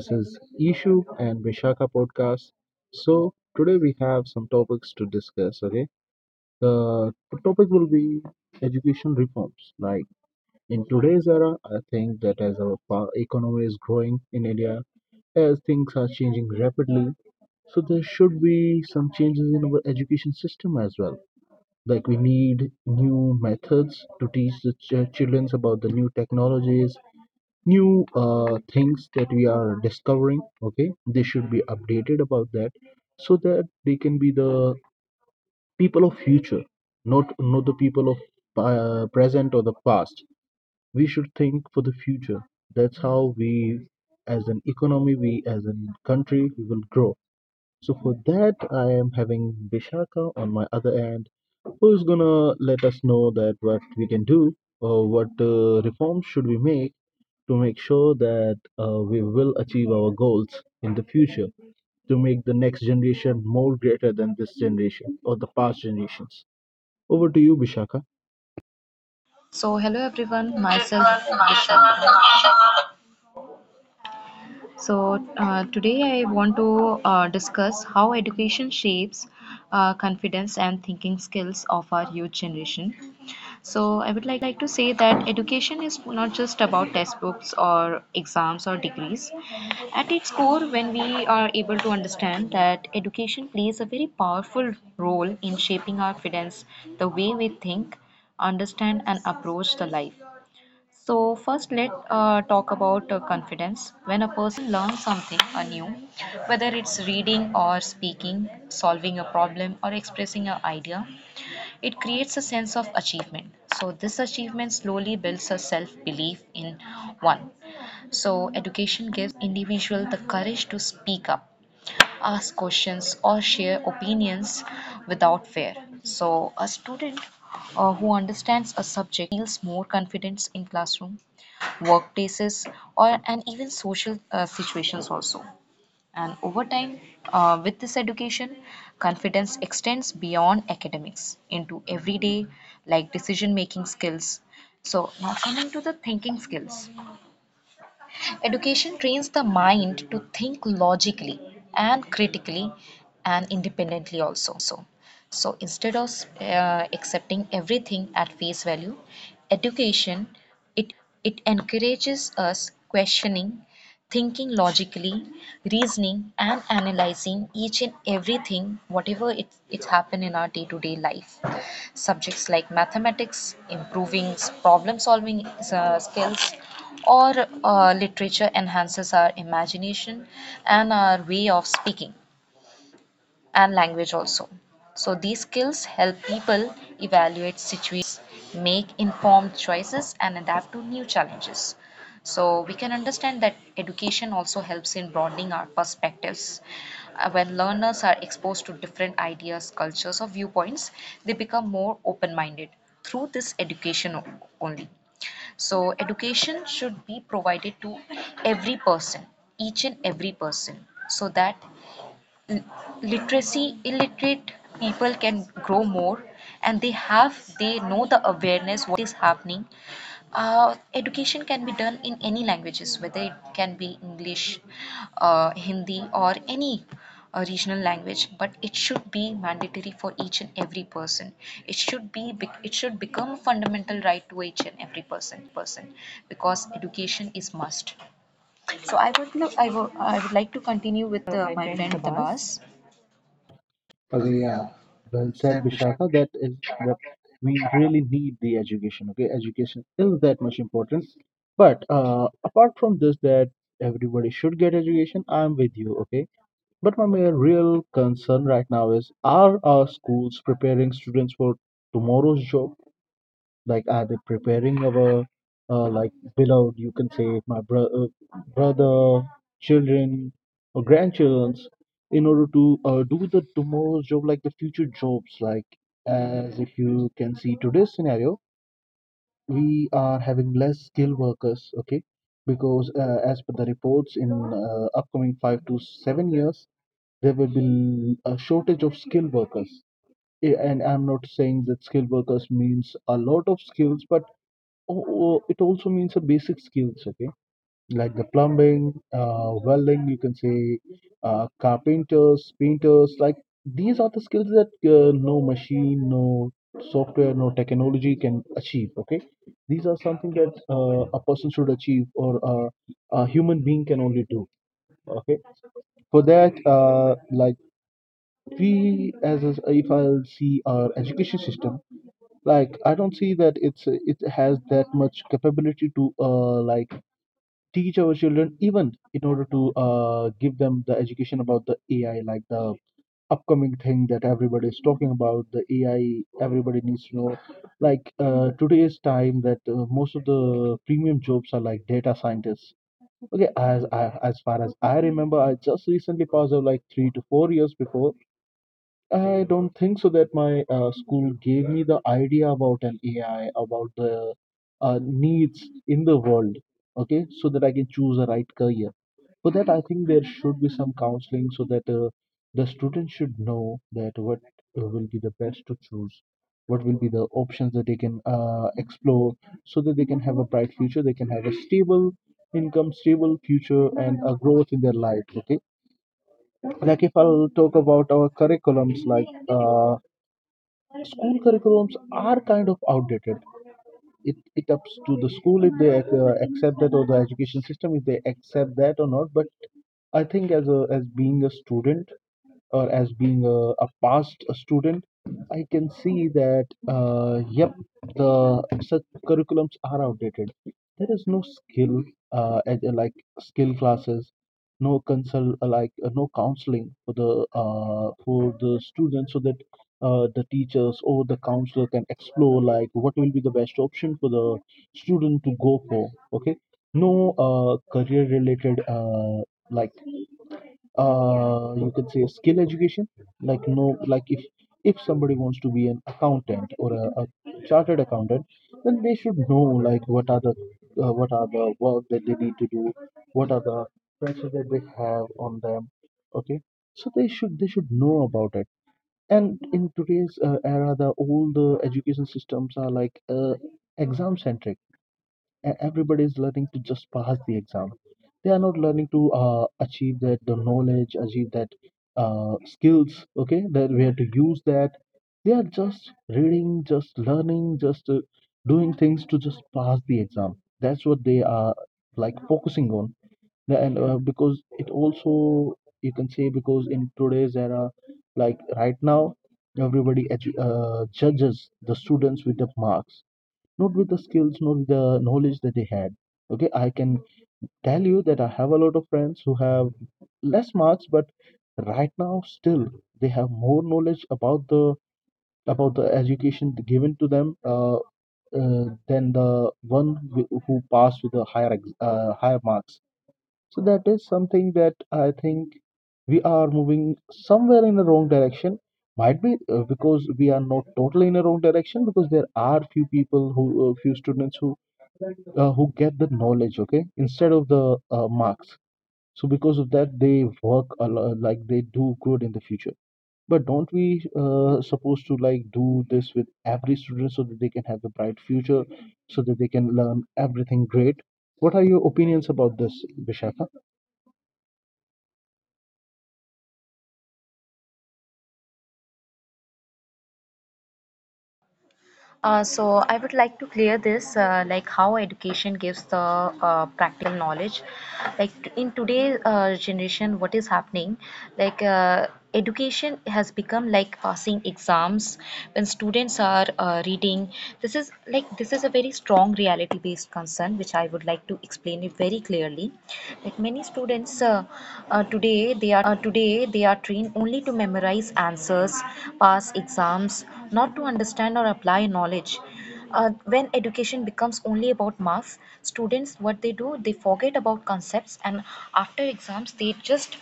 This is Ishu and Vishaka podcast. So, today we have some topics to discuss. Okay, the topic will be education reforms. Like in today's era, I think that as our economy is growing in India, as things are changing rapidly, so there should be some changes in our education system as well. Like we need new methods to teach the children about the new technologies, new things that we are discovering. Okay, they should be updated about that so that they can be the people of future, not the people of present or the past. We should think for the future. That's how we, as an economy, we as a country, we will grow. So for that, I am having Vishaka on my other end, who's gonna let us know that what we can do or what reforms should we make to make sure that we will achieve our goals in the future, to make the next generation more greater than this generation or the past generations. Over to you, Bishaka. So, hello everyone, myself Vishakha. So, today I want to discuss how education shapes confidence and thinking skills of our youth generation. So, I would like to say that education is not just about textbooks or exams or degrees. At its core, when we are able to understand that education plays a very powerful role in shaping our confidence, the way we think, understand, and approach the life. So first, let talk about confidence. When a person learns something anew, whether it's reading or speaking, solving a problem or expressing an idea, it creates a sense of achievement. So this achievement slowly builds a self-belief in one. So education gives individual the courage to speak up, ask questions, or share opinions without fear. So a student who understands a subject feels more confidence in classroom workplaces, or and even social situations also. And over time, with this education, confidence extends beyond academics into everyday like decision making skills. So now coming to the thinking skills. Education trains the mind to think logically and critically and independently also. So instead of accepting everything at face value, education it encourages us questioning, thinking logically, reasoning and analyzing each and everything whatever it happened in our day-to-day life, subjects like mathematics, improving problem solving skills, or literature enhances our imagination and our way of speaking and language also. So these skills help people evaluate situations, make informed choices and adapt to new challenges. So we can understand that education also helps in broadening our perspectives. When learners are exposed to different ideas, cultures or viewpoints, they become more open-minded through this education only. So education should be provided to every person, each and every person, so that literacy illiterate people can grow more, and they know the awareness what is happening. Education can be done in any languages, whether it can be english, hindi, or any regional language, but it should be mandatory for each and every person. It should become a fundamental right to each and every person, because education is must. So I would look I would like to continue with My my friend friend Tabas. tabas. Okay, yeah. Well said, Bishaka. That is what we really need, the education. Okay, education is that much important. But apart from this, that everybody should get education. I'm with you. Okay, but my real concern right now is, are our schools preparing students for tomorrow's job? Like, are they preparing our, like, beloved, you can say, my brother, children, or grandchildren in order to do the tomorrow's job, like the future jobs? Like, as if you can see today's scenario, we are having less skilled workers, okay? Because as per the reports in upcoming 5 to 7 years, there will be a shortage of skilled workers. And I'm not saying that skilled workers means a lot of skills, but it also means a basic skills, okay? Like the plumbing, welding, you can say carpenters, painters, like these are the skills that no machine, no software, no technology can achieve, okay? These are something that a person should achieve, or a human being can only do, okay? For that, like we as a, if I'll see our education system, like I don't see that it has that much capability to like teach our children, even in order to give them the education about the AI, like the upcoming thing that everybody is talking about, the AI everybody needs to know. Like today's time, that most of the premium jobs are like data scientists. Okay, as far as I remember, I just recently passed out like 3 to 4 years before. I don't think so that my school gave me the idea about an AI, about the needs in the world, okay, so that I can choose a right career. For that, I think there should be some counseling so that the student should know that what will be the best to choose, what will be the options that they can explore, so that they can have a bright future, they can have a stable income, stable future, and a growth in their life. Okay, like if I'll talk about our curriculums, like school curriculums are kind of outdated. It ups to the school if they accept that, or the education system if they accept that or not. But I think as a as being a student, or as being a past student, I can see that yep, the such curriculums are outdated. There is no skill, like skill classes, no consult, like no counseling for the students, so that the teachers or the counselor can explore like what will be the best option for the student to go for. Okay, no career related like you can say skill education, like no, like if somebody wants to be an accountant or a chartered accountant, then they should know like what are the work that they need to do, what are the pressure that they have on them, okay? So they should know about it. And in today's era, the all the education systems are like exam centric, and everybody is learning to just pass the exam. They are not learning to achieve that the knowledge, achieve that skills, okay, that where to use that. They are just reading, just learning, just doing things to just pass the exam. That's what they are like focusing on. And because it also, you can say, because in today's era, like right now, everybody judges the students with the marks, not with the skills, not with the knowledge that they had. Okay, I can tell you that I have a lot of friends who have less marks, but right now still they have more knowledge about the education given to them than the one who passed with the higher marks. So that is something that I think we are moving somewhere in the wrong direction. Might be because we are not totally in the wrong direction, because there are few students who get the knowledge, okay, instead of the marks. So because of that, they work a lot, like they do good in the future. But don't we supposed to like do this with every student, so that they can have the bright future, so that they can learn everything great? What are your opinions about this, Vishaka? So I would like to clear this, like how education gives the practical knowledge. Like in today's generation, what is happening? Like education has become like passing exams. When students are reading, this is a very strong reality-based concern, which I would like to explain it very clearly. Like many students, today, they are trained only to memorize answers, pass exams, not to understand or apply knowledge. When education becomes only about marks, students, what they do, they forget about concepts, and after exams, they just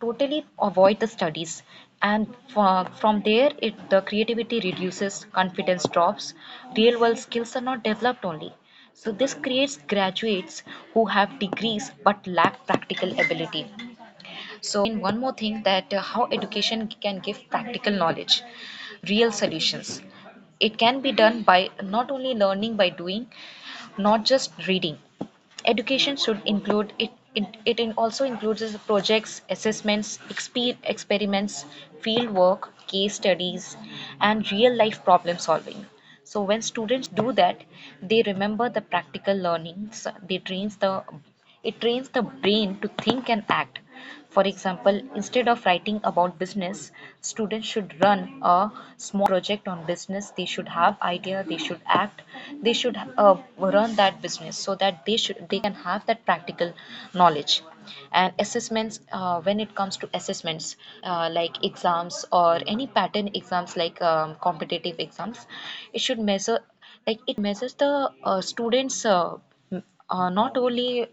totally avoid the studies. And from there, it the creativity reduces, confidence drops, real world skills are not developed only. So this creates graduates who have degrees but lack practical ability. So I would like to explain one more thing, that how education can give practical knowledge, real solutions. It can be done by not only learning by doing, not just reading. Education should include it. It also includes is projects, assessments, experiments, field work, case studies, and real life problem solving. So when students do that, they remember the practical learnings. They trains the it trains the brain to think and act. For example, instead of writing about business, students should run a small project on business. They should have idea, they should act, they should run that business, so that they can have that practical knowledge. And assessments uh, when it comes to assessments, like exams or any pattern exams, like competitive exams, it should measure it measures the students, not only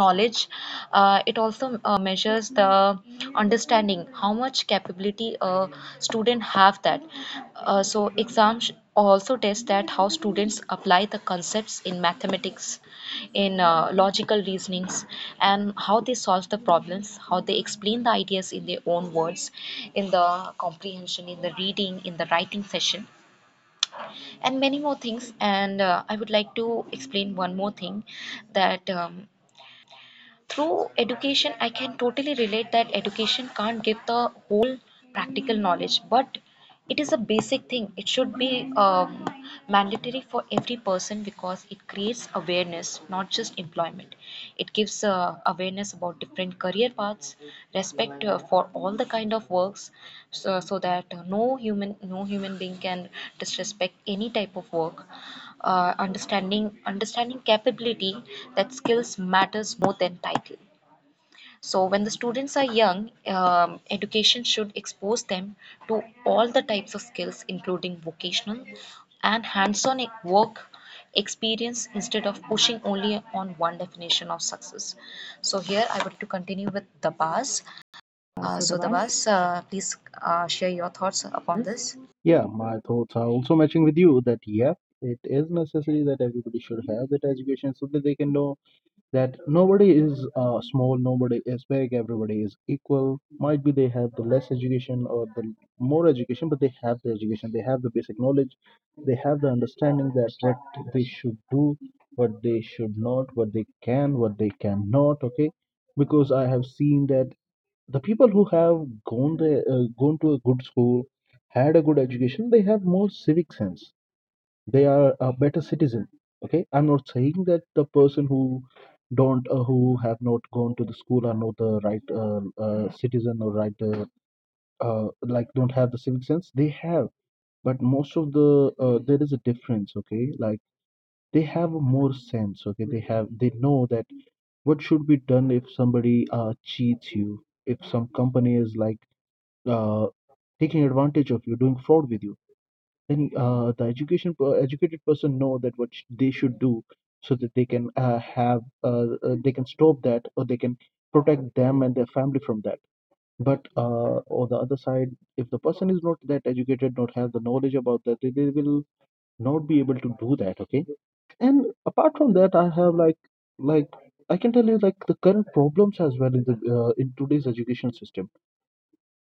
knowledge, it also measures the understanding, how much capability a student have that So exams also test that how students apply the concepts in mathematics, in logical reasonings, and how they solve the problems, how they explain the ideas in their own words, in the comprehension, in the reading, in the writing session, and many more things. And I would like to explain one more thing, that through education, I can totally relate that education can't give the whole practical knowledge, but it is a basic thing. It should be mandatory for every person, because it creates awareness, not just employment. It gives awareness about different career paths, respect for all the kind of works, so that no human being can disrespect any type of work, understanding capability that skills matters more than title. So when the students are young, education should expose them to all the types of skills, including vocational and hands-on work experience, instead of pushing only on one definition of success. So here I would like to continue with the, Uh, so the so the, bus please share your thoughts upon is, this. yeah, my thoughts are also matching with you, that yeah, it is necessary that everybody should have that education, so that they can know that nobody is small, nobody is big, everybody is equal. Might be they have the less education or the more education, but they have the education, they have the basic knowledge, they have the understanding that what they should do, what they should not, what they can, what they cannot. Okay, because I have seen that the people who have gone to a good school, had a good education, they have more civic sense, they are a better citizen. Okay, I'm not saying that the person who don't who have not gone to the school are not the right citizen, or right like don't have the civic sense, they have, but most of the there is a difference. Okay, like they have more sense. Okay, they know that what should be done if somebody cheats you, if some company is like uh, taking advantage of you, doing fraud with you, then the educated person know that what they should do, so that they can have they can stop that, or they can protect them and their family from that. But on the other side, if the person is not that educated, not have the knowledge about that, they will not be able to do that, okay? And apart from that, I have like I can tell you like the current problems as well in the in today's education system,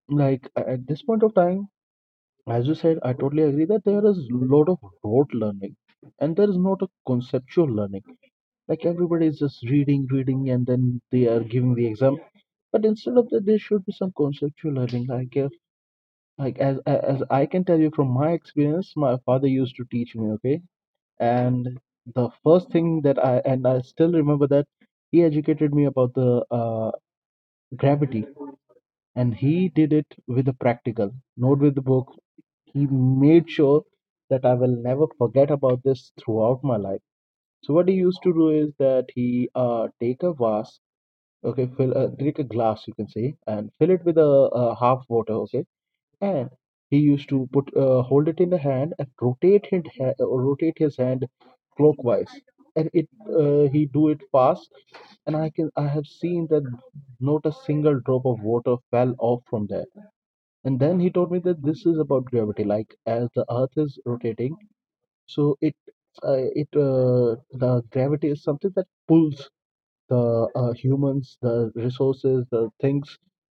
like at this point of time, as you said, I totally agree that there is a lot of rote learning, and there is not a conceptual learning. Like everybody is just reading, reading, and then they are giving the exam. But instead of that, there should be some conceptual learning. Like, if, like as I can tell you from my experience, my father used to teach me, okay? And the first thing and I still remember that he educated me about the gravity, and he did it with a practical, not with the book. He made sure that I will never forget about this throughout my life. So what he used to do is that he take a vase, okay, fill take a glass you can say, and fill it with a half water, okay, and he used to put hold it in the hand and rotate his rotate his hand clockwise, and it he do it fast, and I have seen that not a single drop of water fell off from there. And then he told me that this is about gravity. Like as the Earth is rotating, so it, it the gravity is something that pulls the humans, the resources, the things